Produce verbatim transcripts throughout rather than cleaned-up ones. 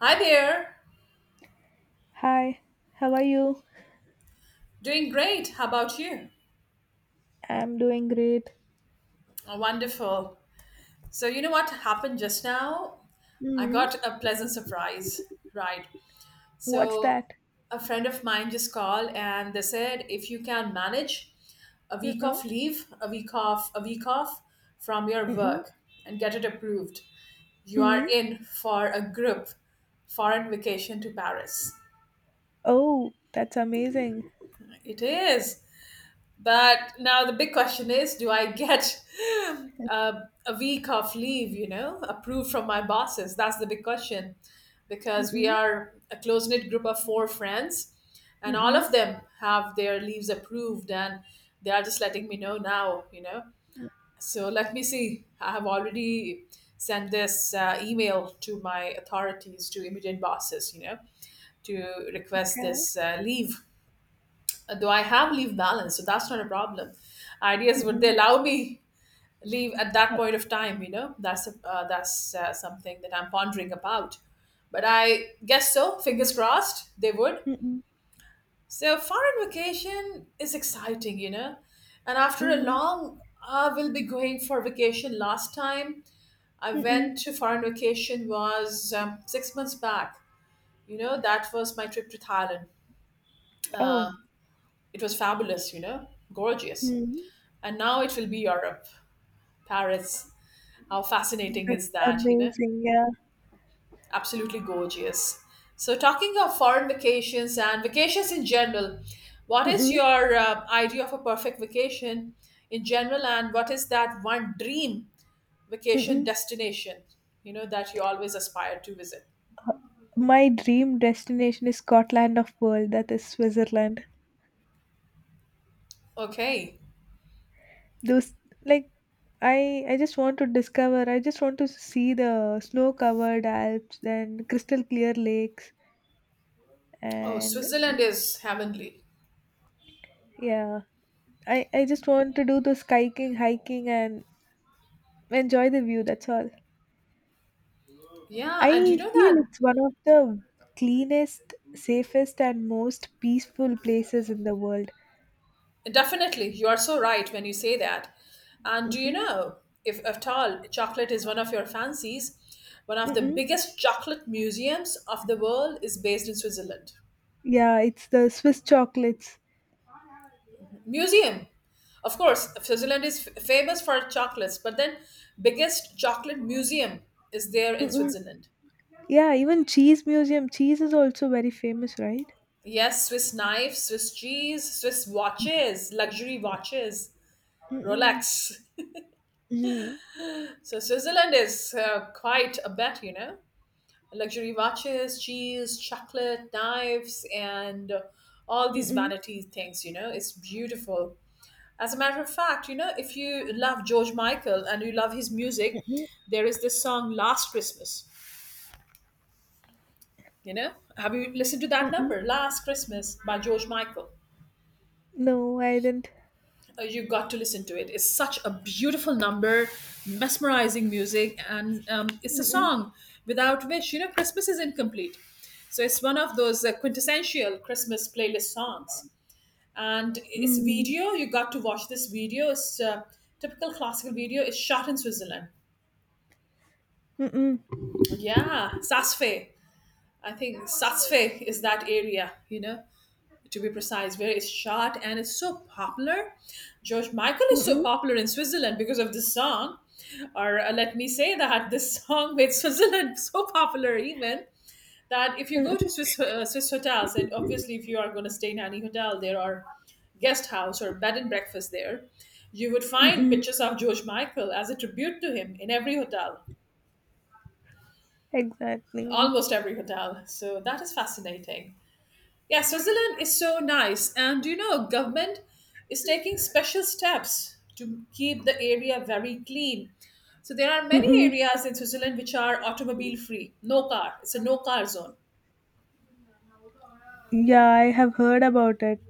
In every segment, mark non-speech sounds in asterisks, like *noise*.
Hi there. Hi, how are you? Doing great. How about you? I'm doing great. Oh, wonderful. So, you know what happened just now? I Mm, got a pleasant surprise, right? what's So, that? a friend of mine just called and they said if you can manage a week Mm-mm, off leave, a week off, a week off from your mm-mm, work and get it approved, you are mm. in for a group foreign vacation to Paris. Oh, that's amazing. It is. But now the big question is do I get a, a week of leave, you know, approved from my bosses? That's the big question because we Mm-mm, are a close knit group of four friends, and all mm-mm, of them have their leaves approved, and they are just letting me know now, you know. mm. So let me see. I have already sent this uh, email to my authorities, to immediate bosses, you know, to request Okay. this uh, leave. Uh, Though I have leave balance, so that's not a problem. Ideas would they Mm-mm, allow me leave at that uh, point of time you know that's a, uh, that's uh, something that I'm pondering about, but I guess so, fingers crossed, they would. mm-mm, So foreign vacation is exciting you know and after a mm-mm, long, I will be going for vacation. Last time I mm-mm. went to foreign vacation was um, six months back you know That was my trip to Thailand. uh, Oh, it was fabulous you know gorgeous. mm, And now it will be Europe, Paris. How fascinating that's is that you know amazing. Yeah. Absolutely gorgeous. So, talking of foreign vacations and vacations in general, what is Mm-mm, your uh, idea of a perfect vacation in general, and what is that one dream vacation mm-mm. destination you know that you always aspire to visit? My dream destination is Scotland of world, that is Switzerland. Okay. Those, like, I I just want to discover. I just want to see the snow-covered Alps and crystal clear lakes, Oh, and Switzerland is heavenly. yeah, i i just want to do the hiking hiking and enjoy the view, that's all. Yeah, I and you know that. feel it's one of the cleanest, safest and most peaceful places in the world. Definitely, you are so right when you say that. And do you Mm-mm. know, if at all chocolate is one of your fancies, one of the Mm-mm. biggest chocolate museums of the world is based in Switzerland. Yeah, it's the swiss chocolates. Museum. Of course, Switzerland is f- famous for chocolates, but then biggest chocolate museum is there in Mm-mm. Switzerland. Yeah, even cheese museum, cheese is also very famous, right? Yes, Swiss knives, Swiss cheese, Swiss watches, luxury watches, Mm-mm. Rolex. Mm-mm. *laughs* So Switzerland is uh, quite a bet, you know. Luxury watches, cheese, chocolate, knives, and all these Mm-mm. vanity things. You know, it's beautiful. As a matter of fact, you know, if you love George Michael and you love his music, Mm-mm. there is this song "Last Christmas." You know, have you listened to that Mm-mm. number, "Last Christmas" by George Michael? No, I didn't. uh, you got to listen to it. It's such a beautiful number, mesmerizing music, and um, it's a Mm-mm. song without which you know Christmas is incomplete. So it's one of those uh, quintessential Christmas playlist songs, and it's Mm. video. You got to watch this video. It's a typical classical video. It's shot in Switzerland. Mm-mm. Yeah, Sassfe. I think Sassfe is that area. You know. to be precise, where it's shot, and it's so popular. George Michael is so Mm-mm. popular in Switzerland because of this song. Or uh, let me say that *laughs* this song made Switzerland *laughs* so popular, even that if you go Mm-mm. to Swiss, uh, Swiss hotels, and obviously if you are going to stay in any hotel there or guest house or bed and breakfast there, you would find Mm-mm. pictures of George Michael as a tribute to him in every hotel, Exactly. almost every hotel. So that is fascinating. Yeah, Switzerland is so nice. And you know, government is taking special steps to keep the area very clean. So there are many Mm-mm. areas in Switzerland which are automobile free, no car. It's a no car zone. Yeah, I have heard about it.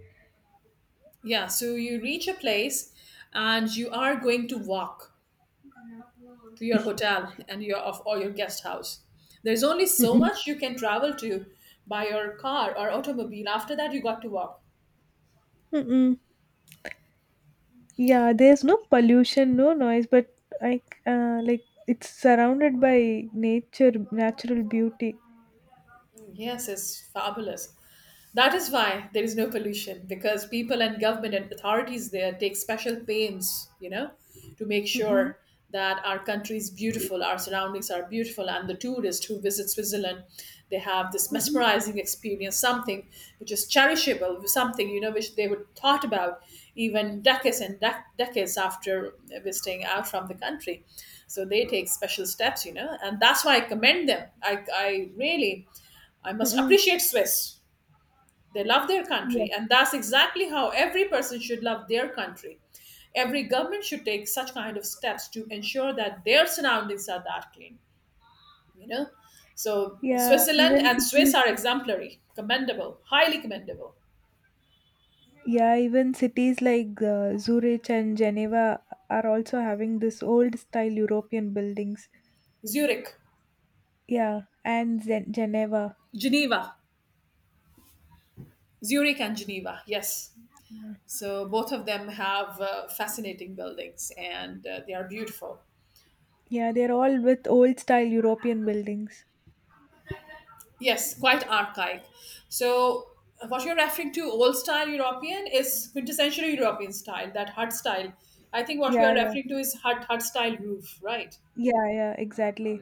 Yeah, so you reach a place and you are going to walk to your hotel and your of or your guest house. There's only so Mm-mm. much you can travel to by your car or automobile. After that you got to walk. Mm-mm. Yeah, there's no pollution, no noise, but like, uh, like, it's surrounded by nature, natural beauty. Yes, it's fabulous. That is why there is no pollution because people and government and authorities there take special pains, you know, to make Mm-mm. sure that our country is beautiful, our surroundings are beautiful, and the tourist who visits Switzerland, they have this Mm-mm. mesmerizing experience, something which is cherishable, something you know which they would thought about even decades and dec- decades after visiting out from the country. So they take special steps, you know, and that's why I commend them. I, I really, I must Mm-mm. appreciate Swiss. They love their Yes. country, and that's exactly how every person should love their country. Every government should take such kind of steps to ensure that their surroundings are that clean. You know, so Yeah, Switzerland even and Swiss cities. are exemplary, commendable, highly commendable. Yeah, even cities like uh, Zurich and Geneva are also having this old style European buildings. Zurich, Yeah, and Zen- Geneva. Geneva, Zurich and Geneva. Yes, so both of them have uh, fascinating buildings, and uh, they are beautiful. Yeah, they're all with old style European buildings. Yes, quite archaic. So, uh, what you're referring to, old style European, is quintessential European style, that hut style. I think what you are Yeah, yeah. referring to is hut hut style roof, right? Yeah, yeah, exactly.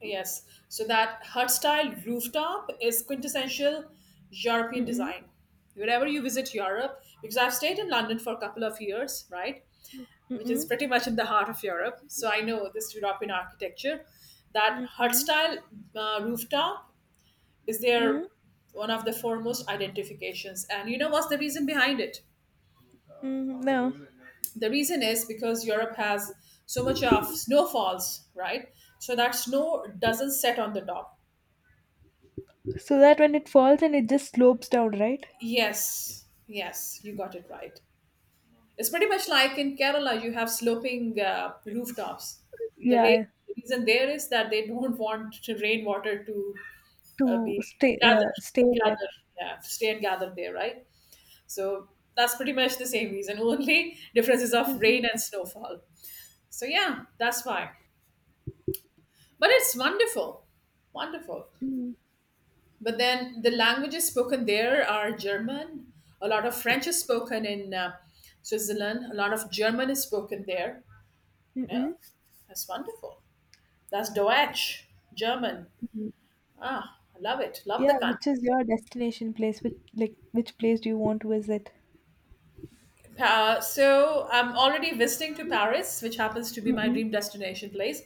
Yes. So that hut style rooftop is quintessential European Mm-mm, design. Wherever you visit Europe, because I've stayed in London for a couple of years, right? Which is mm-mm, pretty much in the heart of Europe. So I know this European architecture. That hut mm-mm, style uh, rooftop is mm, their one of the foremost identifications, and you know what's the reason behind it. mm, no. The reason is because Europe has so much of snowfalls, right? So that snow doesn't set on the top. So that when it falls and it just slopes down, right? Yes, yes, you got it right. It's pretty much like in Kerala, you have sloping uh, rooftops. The Yeah, ra- reason there is that they don't *laughs* want rainwater to uh, to be stay, uh, gathered stay to there. gather, yeah, to stay and gather there, right. So that's pretty much the same reason. Only differences of Mm-mm, rain and snowfall. So yeah, that's why. But it's wonderful, wonderful. mm, But then the languages spoken there are German. A lot of French is spoken in uh, Switzerland. A lot of German is spoken there. You know, mm-mm, that's wonderful. That's Deutsch, German. mm-mm. Ah, I love it. Love the Yeah, which country. is your destination place? Which, like, which place do you want to visit? Uh, so I'm already visiting to Paris, which happens to be my Mm-mm, dream destination place.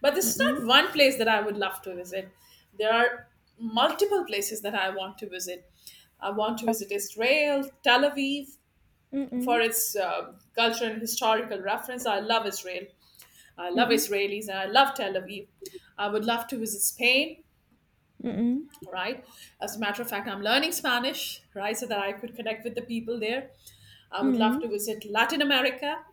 But this is mm-mm. not one place that I would love to visit. There are multiple places that I want to visit. I want to visit Okay. Israel, Tel Aviv, for Mm-mm, its uh, cultural and historical reference. I love Israel. I love mm-mm, Israelis and I love Tel Aviv. I would love to visit Spain, mm-mm, right? As a matter of fact, I'm learning Spanish, right, so that I could connect with the people there. I would love mm-mm. to visit Latin America.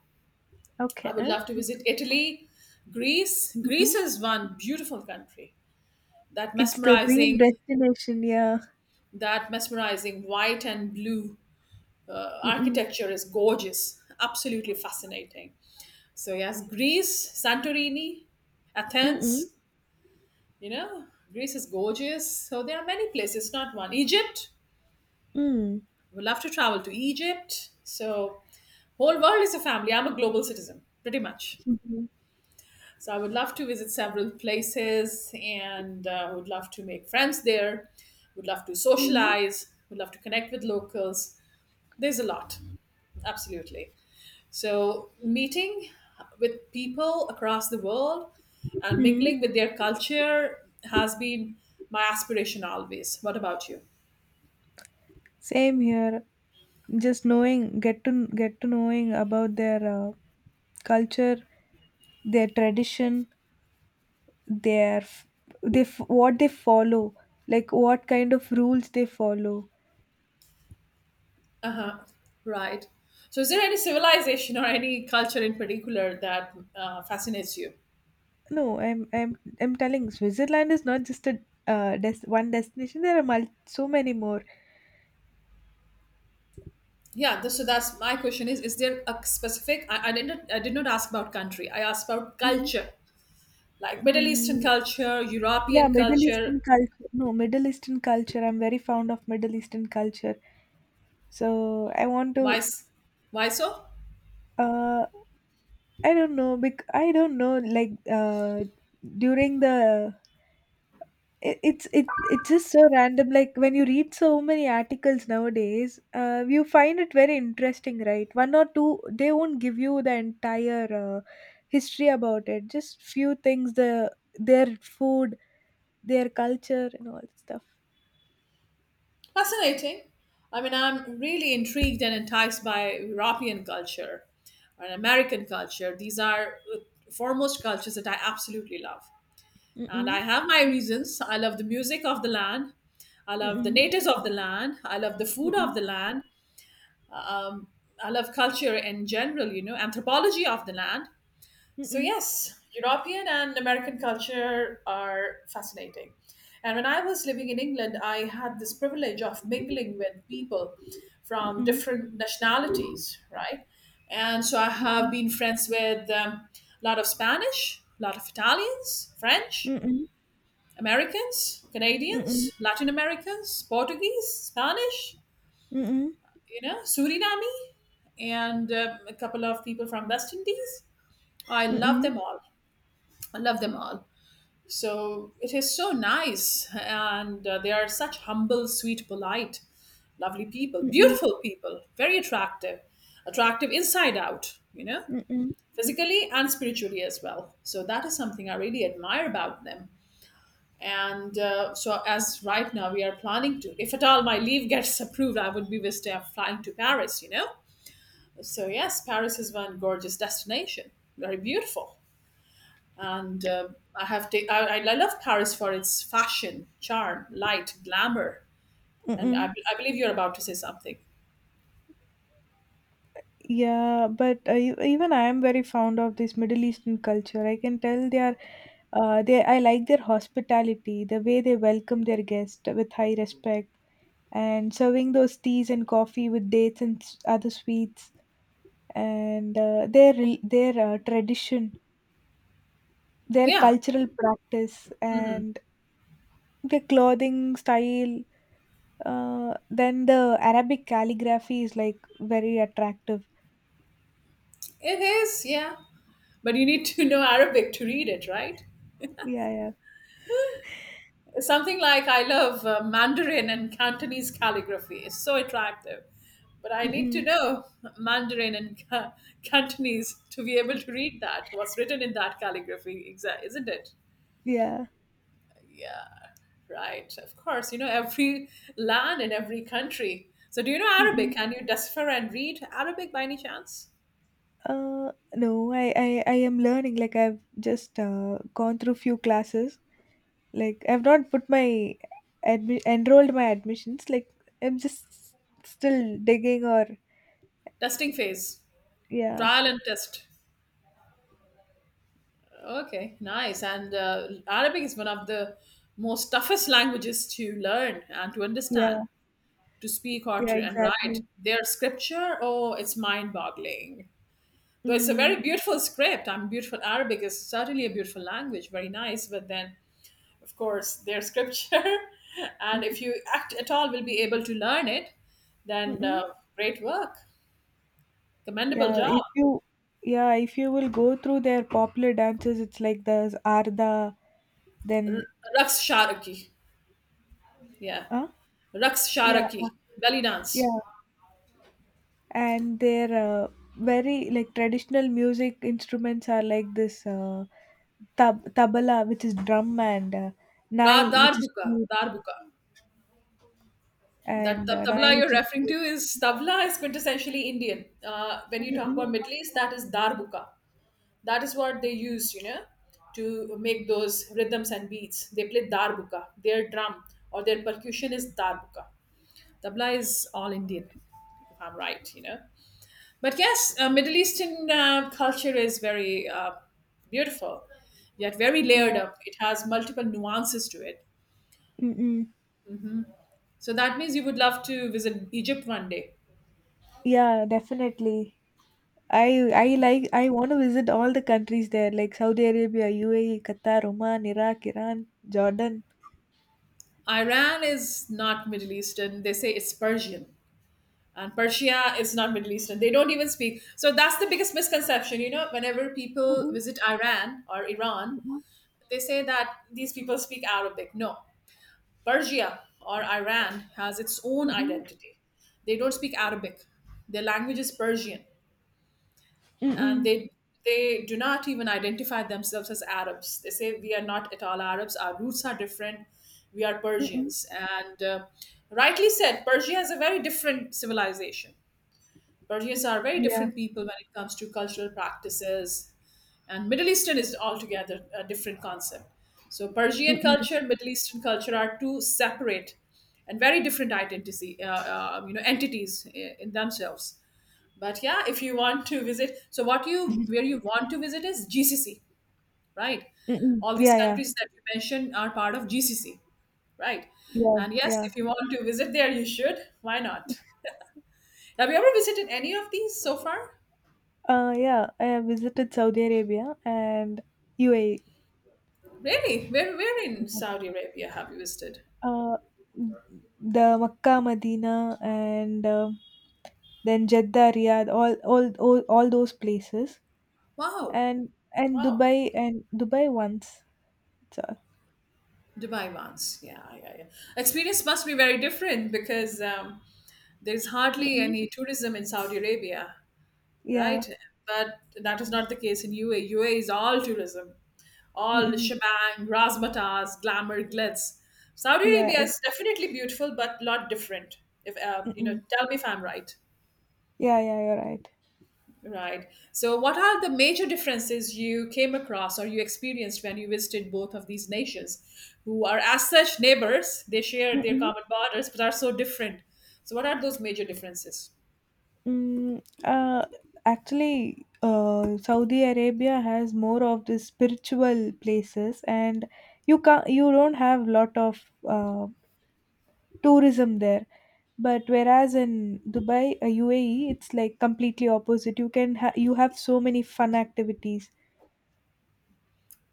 I would Okay. love to visit Italy, Greece. Greece Mm-mm. is one beautiful country. That It's the dream mesmerizing, destination. Yeah. that mesmerizing white and blue uh, Mm-mm, architecture is gorgeous, absolutely fascinating. So yes, Greece, Santorini, mm-mm, Athens. You know, Greece is gorgeous. So there are many places, not one. Egypt. mm-mm, would love to travel to Egypt. So, whole world is a family. I'm a global citizen, pretty much. So, I would love to visit several places, and uh, would love to make friends there. Would love to mm-mm. socialize. Would love to connect with locals. There's a lot, absolutely. So, meeting with people across the world and Mm. mingling with their culture has been my aspiration always. What about you? Same here. Just knowing, get to get to knowing about their uh, culture, their tradition, their f- they f- what they follow, like what kind of rules they follow. Right. So, is there any civilization or any culture in particular that uh, fascinates you? No, I'm I'm I'm telling Switzerland is not just a uh, des- one destination. There are mul- so many more. Yeah. Th- so that's my question: is Is there a specific? I, I didn't. I did not ask about country. I asked about Mhm. culture, like Middle Eastern Mm, culture, yeah, European Middle culture. Eastern culture. No, Middle Eastern culture. I'm very fond of Middle Eastern culture. So I want Why? to, s- Why so? uh I don't know, bec- I don't know, like, uh during the, it, it's it it's just so random, like when you read so many articles nowadays, uh you find it very interesting, right? One or two, they won't give you the entire uh, history about it, just few things, the their food, their culture and all that stuff. Fascinating. I mean, I'm really intrigued and enticed by European culture and American culture. These are uh, foremost cultures that I absolutely love. And I Mm-mm, have my reasons. I love the music of the land. I love the mm-mm, natives of the land. I love the food of the land. Um, I love culture in general, you know, anthropology of the land. So, mm-mm, yes, European and American culture are fascinating. And when I was living in England, I had this privilege of mingling with people from mm-mm, different nationalities, right? And so I have mm-mm, been friends with um, a lot of Spanish, a lot of Italians, French, mm-mm, Americans, mm-mm, Canadians, Latin Americans, Portuguese, Spanish, mm-mm, you know, Suriname, and um, a couple of people from West Indies. I love mm-mm, them all. I love them all. So it is so nice, and uh, they are such humble, sweet, polite, lovely people, mm-mm, mm-mm, beautiful people, very attractive, attractive inside out, you know, mm-mm, physically and spiritually as well. So that is something I really admire about them. And uh, so as right now we are planning to, if at all my leave gets *laughs* approved, I would be with uh, flying to paris you know So yes, Paris is one gorgeous destination. Very beautiful. And uh, I have ta- I, I love Paris for its fashion, charm, light, glamour, and I, mm-mm. I believe you're about to say something. Yeah, but uh, e- even I am very fond of this Middle Eastern culture. I can tell they are, uh, they, I like their hospitality, the way they welcome their guests with high respect, and serving those teas and coffee with dates and s- other sweets, and uh, their rel- their uh, tradition, their Yeah, cultural practice, and the clothing style. Uh, then the Arabic calligraphy is like very attractive. it is, yeah, but you need to *laughs* know Arabic to read it, right? Yeah, yeah. Something like, I love uh, Mandarin and Cantonese calligraphy. It's so attractive. But I need to Mm-mm. know Mandarin and Ca- Cantonese to be able to *laughs* read that, what's written in that calligraphy, exa- isn't it? Yeah. Yeah, right. Of course, you know, every land and every country. So, do you know Arabic? Can you decipher and read Arabic by any chance? Uh, no, I, I, I am learning. Like I've just uh, gone through few classes. Like I've not put my admi- enrolled my admissions. Like I'm just still digging or Testing phase. yeah, Trial and test. Okay, nice. And uh, Arabic is one of the most toughest languages to learn and to yeah, understand. To speak or yeah, to and write exactly. their scripture, oh, it's mind boggling. Though it's a very Mm. beautiful script. I'm beautiful Arabic is certainly a beautiful language, very nice, but then of course their scripture *laughs* and Mhm, if you act at all will be able to learn it, then mm-mm. uh, great work. Commendable Yeah, job. if you, yeah, if you will go through their popular dances, it's like the Arda, then R- Raqs Sharaki. Yeah. uh, Raqs yeah, Sharaki. Belly dance. yeah. And their uh, very like traditional music instruments are like this, uh, tab- tabla which is drum, and uh, Dar, nai which is darbuka, flute, darbuka. That and tab- uh, nai tabla you're which is referring to flute. is tabla is quintessentially Indian. Uh, when you talk about Middle East, that is darbuka. That is what they use, you know, to make those rhythms and beats. They play darbuka. Their drum or their percussion is darbuka. Tabla is all Indian, if I'm right, you know. But yes, uh, Middle Eastern uh, culture is very uh, beautiful, yet very Yeah. layered up. It has multiple nuances to it. Mm-mm. So that means you would love to visit Egypt one day. Yeah, definitely. I I like, I want to visit all the countries there like Saudi Arabia, U A E, Qatar, Oman, Iraq, Iran, Jordan. Iran is not Middle Eastern. They say it's Persian. And Persia is not Middle Eastern. They don't even speak. So that's the biggest misconception. You know, whenever people Mm-mm, visit Iran or Iran, mm-mm, they say that these people speak Arabic. No, Persia or Iran has its own mm-mm, identity. They don't speak Arabic. Their language is Persian, and mm-mm, they they do not even identify themselves as Arabs. They say we are not at all Arabs. Our roots are different. We are mm-mm. Persians, and uh, rightly said, Persia is a very different civilization. Persians are very Yeah. different people when it comes to cultural practices, and Middle Eastern is altogether a different concept. So Persian Mm-mm, culture and Middle Eastern culture are two separate and very different identity, uh, uh, you know, entities i- in themselves. But yeah, if you want to visit, so what you where you want to visit is GCC, right? mm-mm. All these Yeah, yeah, countries that you mentioned are part of GCC, right? yeah, And yes, yeah. if you want to visit there, you should. Why not? Have you ever visited any of these so far? Uh, yeah, I have visited Saudi Arabia and U A E. Really? Where, where in Saudi Arabia have you visited? Uh, the Makkah, Medina, and uh, then Jeddah, Riyadh, all, all all all those places, Wow. and and Wow. Dubai, and Dubai once. That's all. Dubai once, yeah, yeah, yeah. Experience must be very different because um, there's hardly Mm-mm. any tourism in Saudi Arabia, Yeah. right? But that is not the case in U A. U A is all tourism, all Mm-mm. shebang, razzmatazz, glamour, glitz. Saudi Yeah. Arabia I- is definitely beautiful, but a lot different. If uh, you know, Mm-mm. tell me if I'm right. Yeah. Yeah. You're Right. So, what are the major differences you came across or you experienced when you visited both of these nations, who are as such neighbors? They share their right. common borders, but are so different. So, what are those major differences? Mm, uh, actually, uh, Saudi Arabia has more of the spiritual places, and you can, you don't have lot of uh, tourism there. But whereas in Dubai, uh, U A E, it's like completely opposite. You can ha- you have so many fun activities.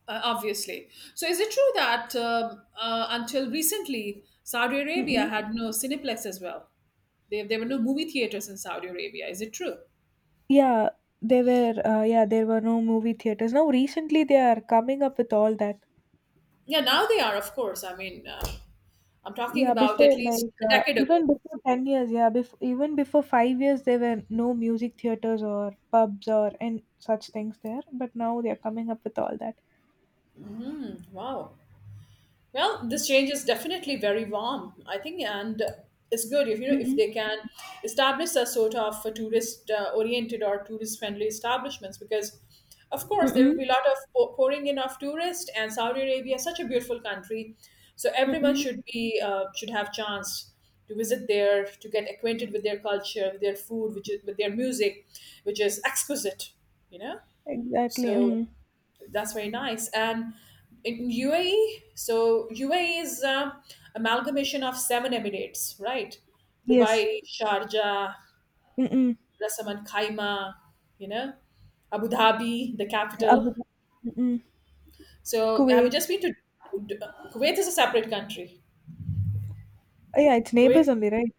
Uh, obviously. So, is it true that um, uh, until recently, Saudi Arabia Mm-mm. had no Cineplex as well? There, there were no movie theaters in Saudi Arabia. Is it true? Yeah, there were uh, yeah there were no movie theaters. Now recently they are coming up with all that. Yeah, now they are, of course. I mean, uh, I'm talking Yeah, about at before least like, a uh, decade ago. even before ten years, yeah before, even before five years, there were no music theaters or pubs or and such things there, but now they are coming up with all that. Wow. Well, this change is definitely very warm, I think, and it's good if you know if Mm-mm, they can establish a sort of a tourist uh, oriented or tourist friendly establishments, because of course there will mm-mm, be a lot of pour- pouring in of tourists. And Saudi Arabia is such a beautiful country, so everyone mm-mm. should be uh, should have chance to visit there to get acquainted with their culture, with their food which is, with their music which is exquisite you know Exactly. so Mm. that's very nice. And in U A E, so U A E is uh, amalgamation of seven emirates, right? Yes. Dubai, Sharjah, Mm-mm. Ras Al Khaimah, you know, Abu Dhabi, the Abu capital. Dhabi. Mm-mm. So have you Kuwait. just been to? Kuwait is a separate country. Uh, yeah, it's neighbors Kuwait, only, right?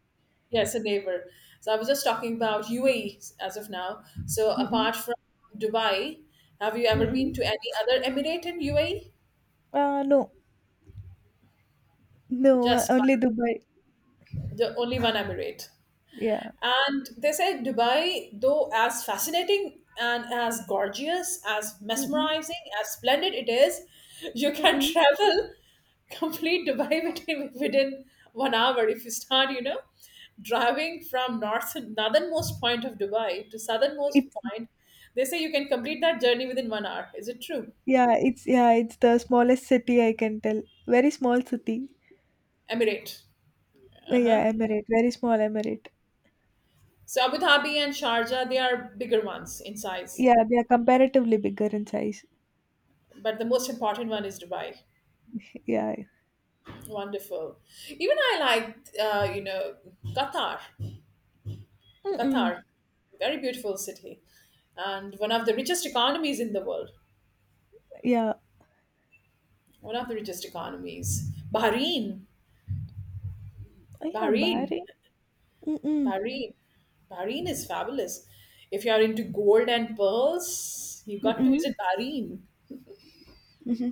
yes, a neighbor. So I was just talking about U A E as of now. So Mm-mm. apart from Dubai, have you ever been Mm-mm. to any other emirate in U A E? Uh, no, no uh, Just one, only Dubai. the only one emirate. Yeah. And they said Dubai, though as fascinating and as gorgeous, as Mm-mm. mesmerizing, as splendid it is, you can *laughs* Mm-mm. travel complete Dubai *laughs* within, within one hour if you start, you know, driving from north northernmost point of Dubai to southernmost it's point. They say you can complete that journey within one hour. Is it true? yeah it's yeah, it's the smallest city, I can tell, very small city. Emirate. Oh, Uh-huh. yeah, emirate, very small emirate. So Abu Dhabi and Sharjah, they are bigger ones in size, Yeah, they are comparatively bigger in size. but the most important one is Dubai. Yeah. Wonderful. Even I like, uh, you know, Qatar. Mm-mm. Qatar, very beautiful city, and one of the richest economies in the world. Yeah. One of the richest economies. Bahrain. Oh, yeah, Bahrain. Bahrain. Mm-mm. Bahrain. Bahrain is fabulous. If you are into gold and pearls, you got to Mm-mm. visit Bahrain. Mm-hmm.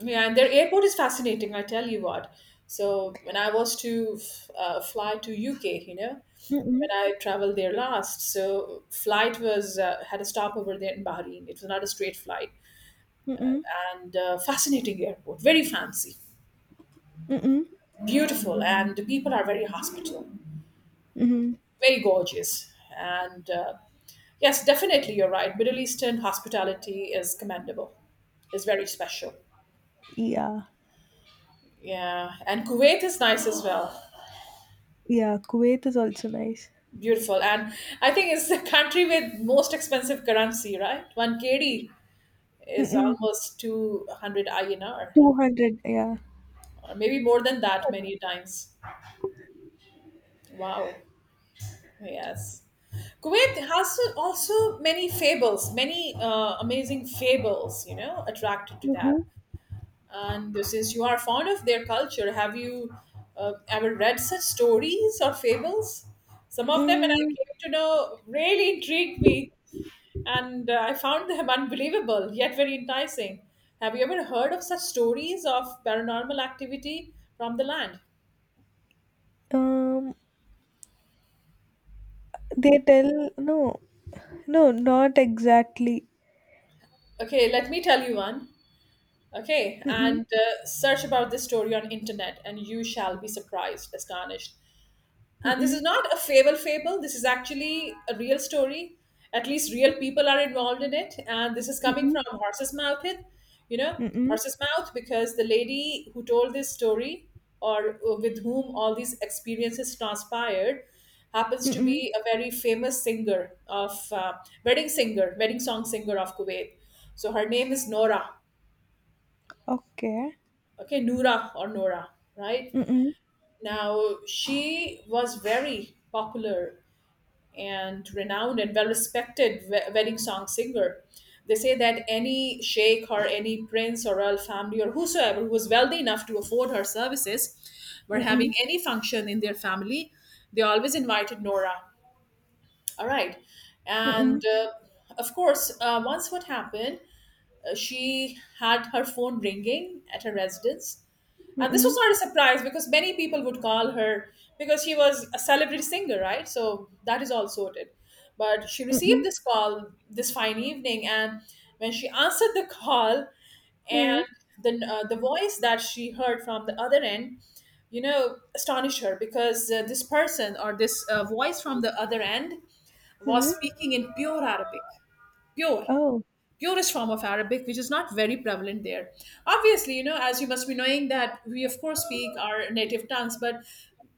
Yeah, and their airport is fascinating, I tell you what. So when I was to uh, fly to U K, you know, Mm-mm. when I traveled there last, so flight was uh, had a stopover there in Bahrain. It was not a straight flight, Mm-mm. and uh, fascinating airport, very fancy, Mm-mm. beautiful, and the people are very hospitable, Mm-hmm. very gorgeous, and uh, yes, definitely you're right. Middle Eastern hospitality is commendable, is very special. Yeah. Yeah, and Kuwait is nice as well. Yeah, Kuwait is also nice. Beautiful. And I think it's the country with most expensive currency, right? one K D is Mm-mm. almost two hundred I N R, two hundred, yeah. or maybe more than that many times. Wow. Yes. Kuwait has also many fables, many uh, amazing fables, you know, attracted to that. Mm-mm. And since you are fond of their culture, have you uh, ever read such stories or fables? Some of them, when I Mm, came to know, really intrigued me. and uh, I found them *laughs* unbelievable yet very enticing. Have you ever heard of such stories of paranormal activity from the land? um, they tell, no, no, not exactly. Okay, let me tell you one. Okay, Mm-mm. and uh, search about this story on internet, and you shall be surprised, astonished. And this is Mm-mm. not a fable fable. This is actually a real story. At least real people are involved in it. And this is coming Mm-mm. from horse's mouth. It, you know, Mm-mm. horse's mouth because the lady who told this story or uh, with whom all these experiences transpired happens to Mm-mm. be a very famous singer of uh, wedding singer, wedding song singer of Kuwait. So her name is Nora. Okay. Okay, Noora or Nora, right? Mm-mm. Now, she was very popular and renowned and well respected wedding song singer. They say that any sheikh or any prince or royal family or whosoever who was wealthy enough to afford her services were having Mm-mm. any function in their family, they always invited Nora. All right. And Mm-mm. uh, of course, uh, once what happened, uh, she had her phone ringing at her residence, and this was Mm-mm, not a surprise because many people would call her, because she was a celebrity singer, right? So that is all sorted. But she mm-mm, received this call this fine evening, and when she answered the call, mm. and the uh, the voice that she heard from the other end, you know, astonished her because uh, this person or this uh, voice from the other end Hmm. was speaking in pure Arabic, pure, Oh, purest form of Arabic, which is not very prevalent there. Obviously, you know, as you must be knowing that we, of course, speak our native tongues, but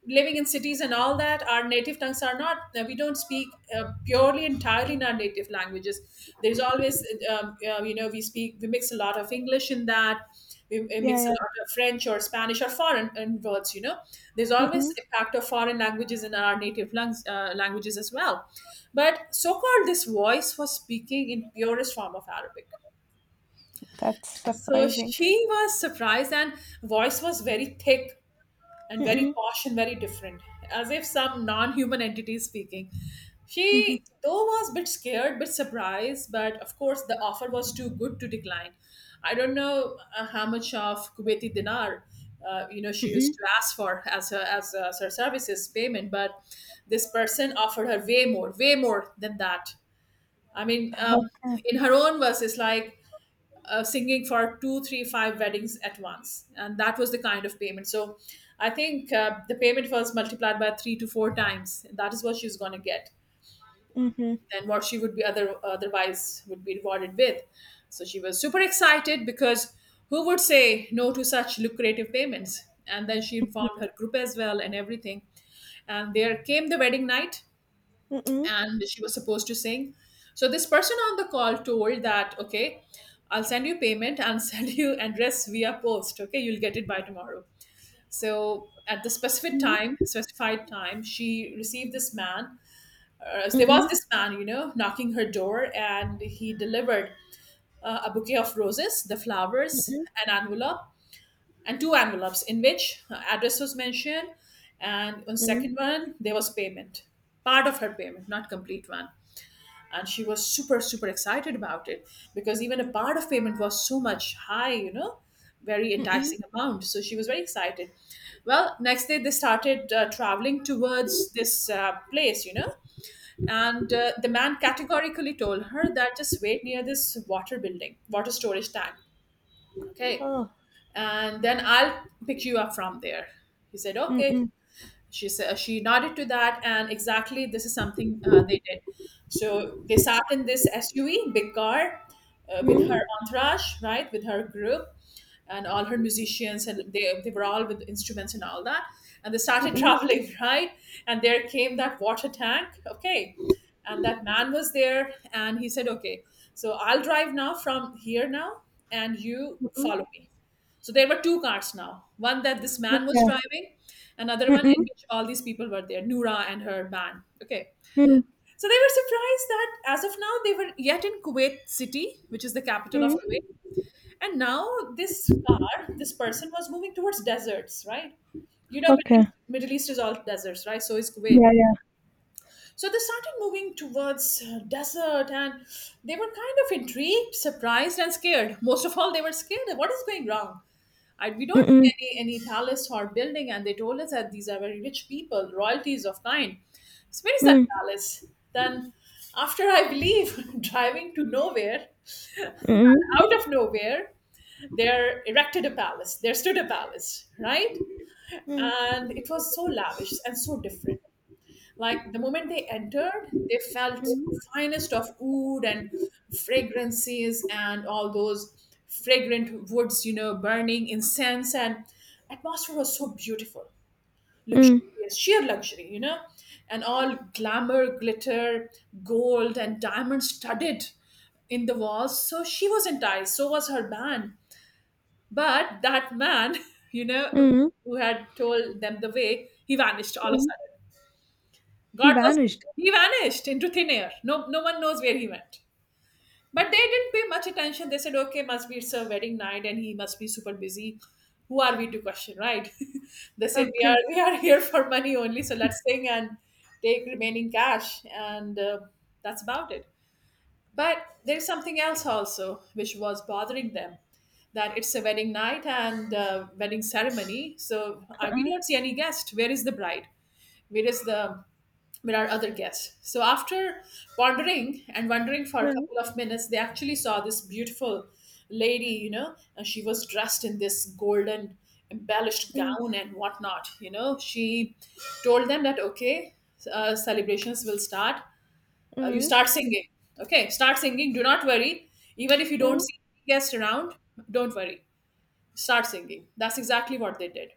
living in cities and all that, our native tongues are not, uh, we don't speak uh, purely entirely in our native languages. There's always, um, uh, you know, we speak, we mix a lot of English in that we we yeah, mix a yeah, lot of French or Spanish or foreign and words you know There's always mm-mm, impact of foreign languages in our native lungs, uh, languages as well. But so-called this voice was speaking in purest form of Arabic. that's So surprising. she was surprised, and voice was very thick and very Mm. posh and very different, as if some non-human entity is speaking. Mm. She though was a bit scared, bit surprised, but of course the offer was too good to decline. I don't know uh, how much of Kuwaiti dinar, uh, you know, she used Mm. to ask for as her, as, uh, as her services payment, but this person offered her way more, way more than that. I mean, um, Okay. in her own words, it's like uh, singing for two, three, five weddings at once. And that was the kind of payment. So I think uh, the payment was multiplied by three to four times. That is what she's going to get Mm. than what she would be other otherwise would be rewarded with. So she was super excited because who would say no to such lucrative payments? And then she informed her group as well and everything. And there came the wedding night Mm. and she was supposed to sing. So this person on the call told that, okay, I'll send you payment and *laughs* send you address via post. Okay, you'll get it by tomorrow. So at the specific Mm. time, specified time, she received this man. Uh, there was Mm. this man, you know, knocking her door, and he delivered uh, a bouquet of roses, the flowers, Mm. an envelope, and two envelopes in which her address was mentioned, and on Mm. second one there was payment, part of her payment, not complete one. And she was super super excited about it, because even a part of payment was so much high, you know very Mm. enticing amount, so she was very excited. Well, next day they started uh, traveling towards this uh, place, you know and uh, the man categorically told her that just wait near this water building water storage tank, okay, Oh, and then I'll pick you up from there. He said okay, mm-mm, she said, she nodded to that, and exactly this is something uh, they did. So they sat in this S U V, big car, uh, with mm. her entourage, right, with her group, and all her musicians, and they they were all with instruments and all that, and they started *laughs* Mm. traveling, right, and there came that water tank, okay, and that man was there, and he said, okay, so I'll drive now from here now, and you Mm. follow me. So there were two cars now, one that this man was Okay, driving, another one in mm. which all these people were there, Noura and her man. Okay. Mm. So they were surprised that as of now, they were yet in Kuwait City, which is the capital of Mm. Kuwait. And now this car, this person was moving towards deserts, right? You know, Middle okay, East, Middle East is all deserts, right? So is Kuwait. yeah, yeah, So they started moving towards uh, desert, and they were kind of intrigued, surprised, and scared. Most of all, they were scared. What is going wrong? I, we don't see mm-mm. any any palace or building, and they told us that these are very rich people, royalties of kind. So where is that Mm. palace? Then, after I believe *laughs* driving to nowhere, out Mm. of nowhere, there erected a palace. There stood a palace, right? Mm. And it was so lavish and so different. Like the moment they entered, they felt Mm. finest of wood and fragrances and all those fragrant woods, you know, burning incense, and atmosphere was so beautiful, Mm. luxurious, sheer luxury, you know, and all glamour, glitter, gold and diamonds studded in the walls. So she was enticed. So was her band. But that man, *laughs* you know, Mm. who had told them the way, he vanished all of a Mm. sudden. He God was, vanished. he vanished into thin air. No, no one knows where he went. But they didn't pay much attention. They said, "Okay, must be it's a wedding night, and he must be super busy. Who are we to question, right?" *laughs* They said, "We are Okay. we are here for money only, so let's sing and take remaining cash, and uh, that's about it." But there's something else also which was bothering them, that it's a wedding night and uh wedding ceremony. So uh, we Uh-uh. don't see any guest. Where is the bride? Where is the, where are other guests? So after pondering and wondering for a Mm. couple of minutes, they actually saw this beautiful lady. You know, and she was dressed in this golden embellished Mm. gown and whatnot. You know, she told them that okay, uh, celebrations will start, uh, you Mm. start singing, okay, start singing, do not worry, even if you don't Mm. see guests around, don't worry, start singing. That's exactly what they did.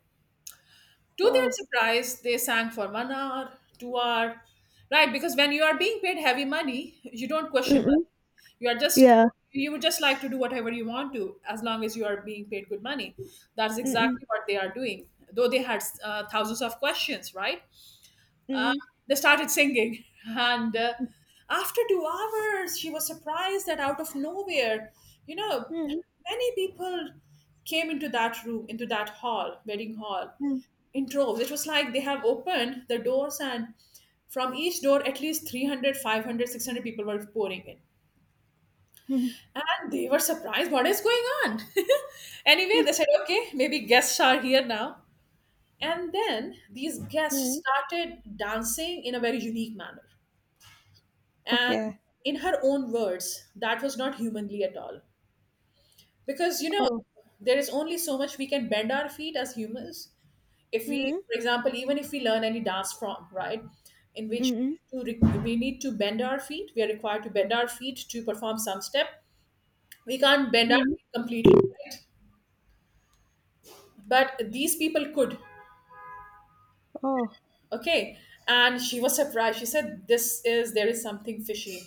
To their Oh. surprise, they sang for one hour, two hour, right, because when you are being paid heavy money, you don't question much. Mm-mm. You are just, Yeah. you would just like to do whatever you want to as long as you are being paid good money. That's Mm-mm. exactly what they are doing, though they had uh, thousands of questions, right. Mm-mm. They started singing, and uh, after two hours she was surprised that out of nowhere, you know, Mm-mm. many people came into that room, into that hall, wedding hall, Mm. in droves. It was like they have opened the doors, and from each door at least three hundred, five hundred, six hundred people were pouring in, Mm. and they were surprised what is going on. *laughs* Anyway, Mm. they said okay, maybe guests are here now. And then these guests Mm. started dancing in a very unique manner. And Okay. in her own words, that was not humanly at all. Because, you know, Oh. there is only so much we can bend our feet as humans. If we, Mm. for example, even if we learn any dance form, right, in which we Mm-mm. need to, re- we need to bend our feet, we are required to bend our feet to perform some step. We can't bend our Mm. feet completely, right? But these people could, Oh. okay? And she was surprised. She said, this is, there is something fishy.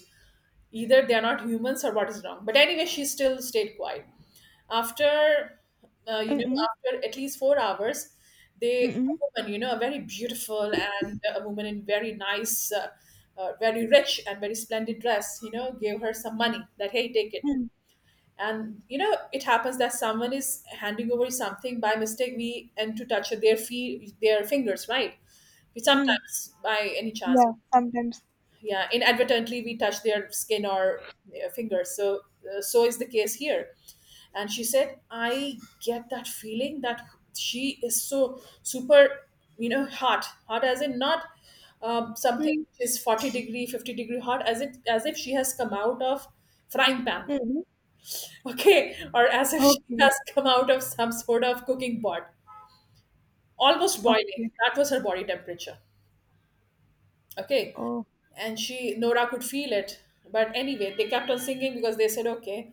Either they are not humans or what is wrong. But anyway, she still stayed quiet. After, uh, you know, Mm-mm. after at least four hours, they, a Mm-mm. woman, you know, a very beautiful and a woman in very nice, uh, uh, very rich and very splendid dress, you know, gave her some money that, hey, take it. Mm. And, you know, it happens that someone is handing over something by mistake. We and to touch their feet, their fingers, right? We Mm. sometimes by any chance, Yeah, sometimes. yeah, inadvertently we touch their skin or uh, fingers. So uh, so is the case here. And she said I get that feeling that she is so super, you know, hot, hot as in not um, something Mm. which is forty degree fifty degree hot, as it, as if she has come out of frying pan. Mm. *laughs* Okay, or as if she Okay. has come out of some sort of cooking pot, almost boiling, Okay. that was her body temperature, okay. Oh. And she, Nora, could feel it. But anyway, they kept on singing because they said okay,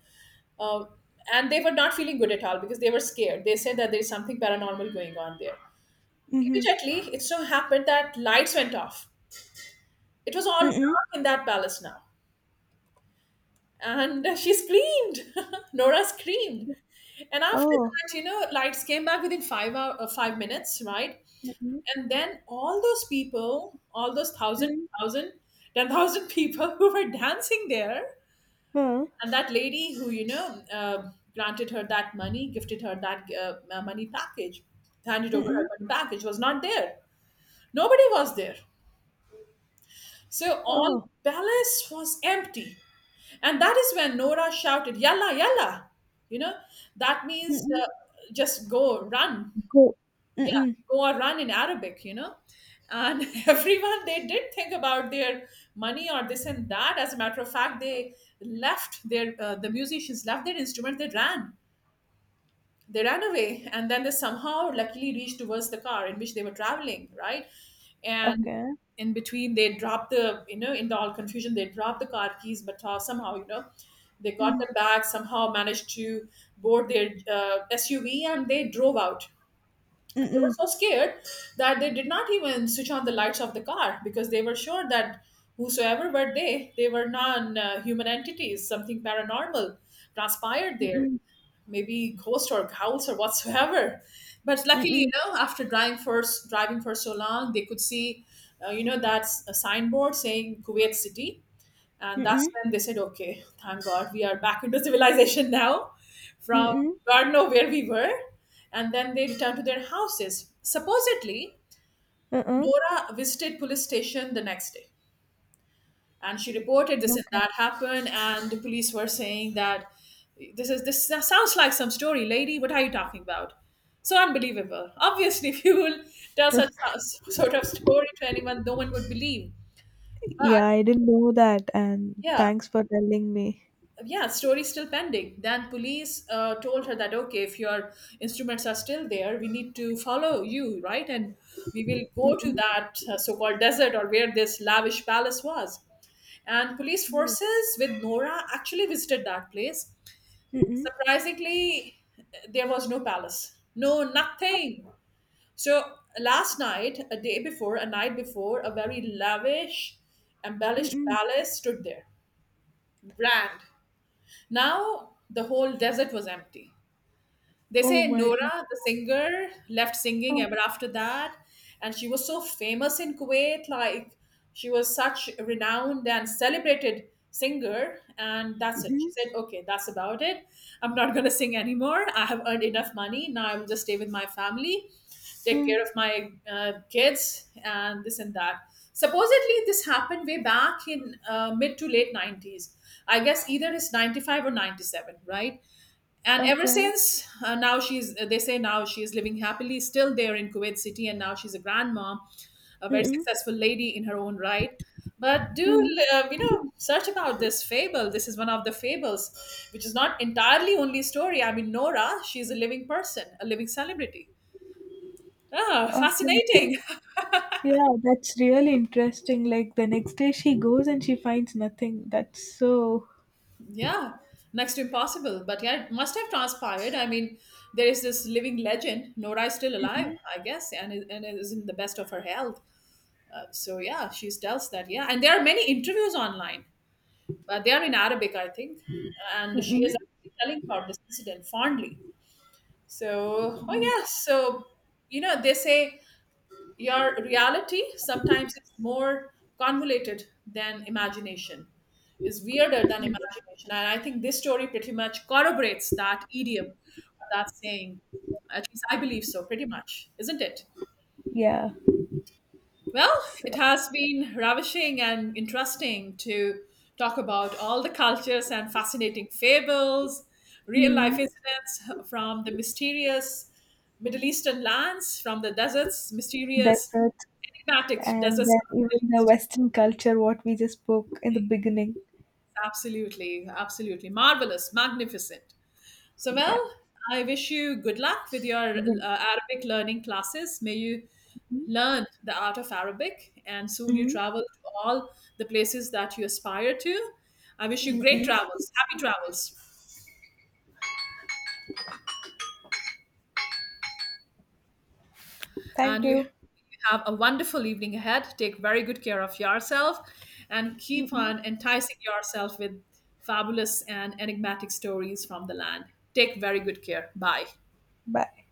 um, and they were not feeling good at all because they were scared. They said that there's something paranormal going on there. Mm-hmm. Immediately it so happened that lights went off. It was all Mm-mm. dark in that palace now, and she screamed. *laughs* Nora screamed. And after Oh. that, you know, lights came back within five hour, uh, five minutes, right. Mm-mm. And then all those people, all those thousand, Mm. thousand, ten thousand people *laughs* who were dancing there, Huh. and that lady who, you know, uh, granted her that money, gifted her that uh, uh, money package, handed over her Mm-mm. money package, was not there. Nobody was there. So all Oh. palace was empty. And that is when Nora shouted, Yalla, yalla. You know, that means Mm-mm. uh, just go, run. Go. Yeah, Mm-mm. go or run in Arabic, you know. And *laughs* everyone, they did think about their money or this and that. As a matter of fact, they left their uh, the musicians left their instrument. They ran, they ran away, and then they somehow luckily reached towards the car in which they were traveling, right. And Okay. in between they dropped the, you know, in the all confusion they dropped the car keys, but uh, somehow, you know, they got Mm. them back, somehow managed to board their uh, SUV, and they drove out. And they were Mm-mm. so scared that they did not even switch on the lights of the car, because they were sure that whosoever were they, they were non uh, human entities. Something paranormal transpired there, Mm-mm. maybe ghost or ghouls or whatsoever. But luckily, you Mm-mm. know, after driving for driving for so long, they could see, uh, you know, that's a signboard saying Kuwait City. And that's Mm-mm. when they said, okay, thank God, we are back into civilization now from Mm-mm. God know where we were. And then they returned to their houses. Supposedly, Uh-uh. Nora visited police station the next day and she reported this and Okay. that happened. And the police were saying that this is this sounds like some story, lady. What are you talking about? So unbelievable. Obviously, *laughs* if you will tell such sort of story to anyone, no one would believe. But Yeah, I didn't know that, and yeah, thanks for telling me. yeah, story's still pending. Then police uh, told her that okay, if your instruments are still there, we need to follow you, right, and we will go to Mm-mm. that uh, so-called desert or where this lavish palace was. And police Yeah. forces with Nora actually visited that place. Mm-mm. Surprisingly, there was no palace, no Huh? nothing. So last night, a day before, a night before, a very lavish embellished Mm-mm. palace stood there, grand. Now the whole desert was empty. They Oh say my God. Nora, the singer, left singing Oh, ever after that. And she was so famous in Kuwait. Like, she was such a renowned and celebrated singer. And that's it. She mm-mm. said, okay, that's about it. I'm not going to sing anymore. I have earned enough money. Now I will just stay with my family, take Mm. care of my uh, kids, and this and that. Supposedly, this happened way back in uh, mid to late nineties. I guess either it's ninety-five or ninety-seven, right? And ever Okay. since, uh, now she's, uh, they say now she is living happily still there in Kuwait City, and now she's a grandma, a very Mm-mm. successful lady in her own right. But do Mm. uh, you know, search about this fable. This is one of the fables which is not entirely only story. I mean, Nora, she's a living person, a living celebrity. Ah, Okay. fascinating. Yeah, that's really interesting. Like the next day she goes and she finds nothing. That's so. *laughs* Yeah, next to impossible, but yeah, it must have transpired. I mean, there is this living legend. Nora is still alive, I guess, and is, and is in the best of her health. So yeah, she tells that, yeah, and there are many interviews online, but they are in Arabic, I think. And she is Mm-mm. actually telling about this incident fondly. So oh Mm. yeah, so you know they say your reality sometimes is more convoluted than imagination, is weirder than imagination. And I think this story pretty much corroborates that idiom, that saying. At least I believe so, pretty much, isn't it? Yeah. Well, it So, has been ravishing and interesting to talk about all the cultures and fascinating fables, real life mm. incidents from the mysterious Middle Eastern lands, from the deserts, mysterious, Desert. enigmatic And deserts of then the Middle even the East. Western culture, what we just spoke in the beginning. Absolutely, absolutely marvelous, magnificent. So, Yeah. well, I wish you good luck with your uh, Good. Arabic learning classes. May you Mm. learn the art of Arabic and soon you Mm. travel to all the places that you aspire to. I wish you great Mm-mm. travels, happy travels, Thank and you you. have a wonderful evening ahead. Take very good care of yourself and 嗯 keep 嗯，on enticing yourself with fabulous and enigmatic stories from the land. Take very good care. Bye. 拜拜。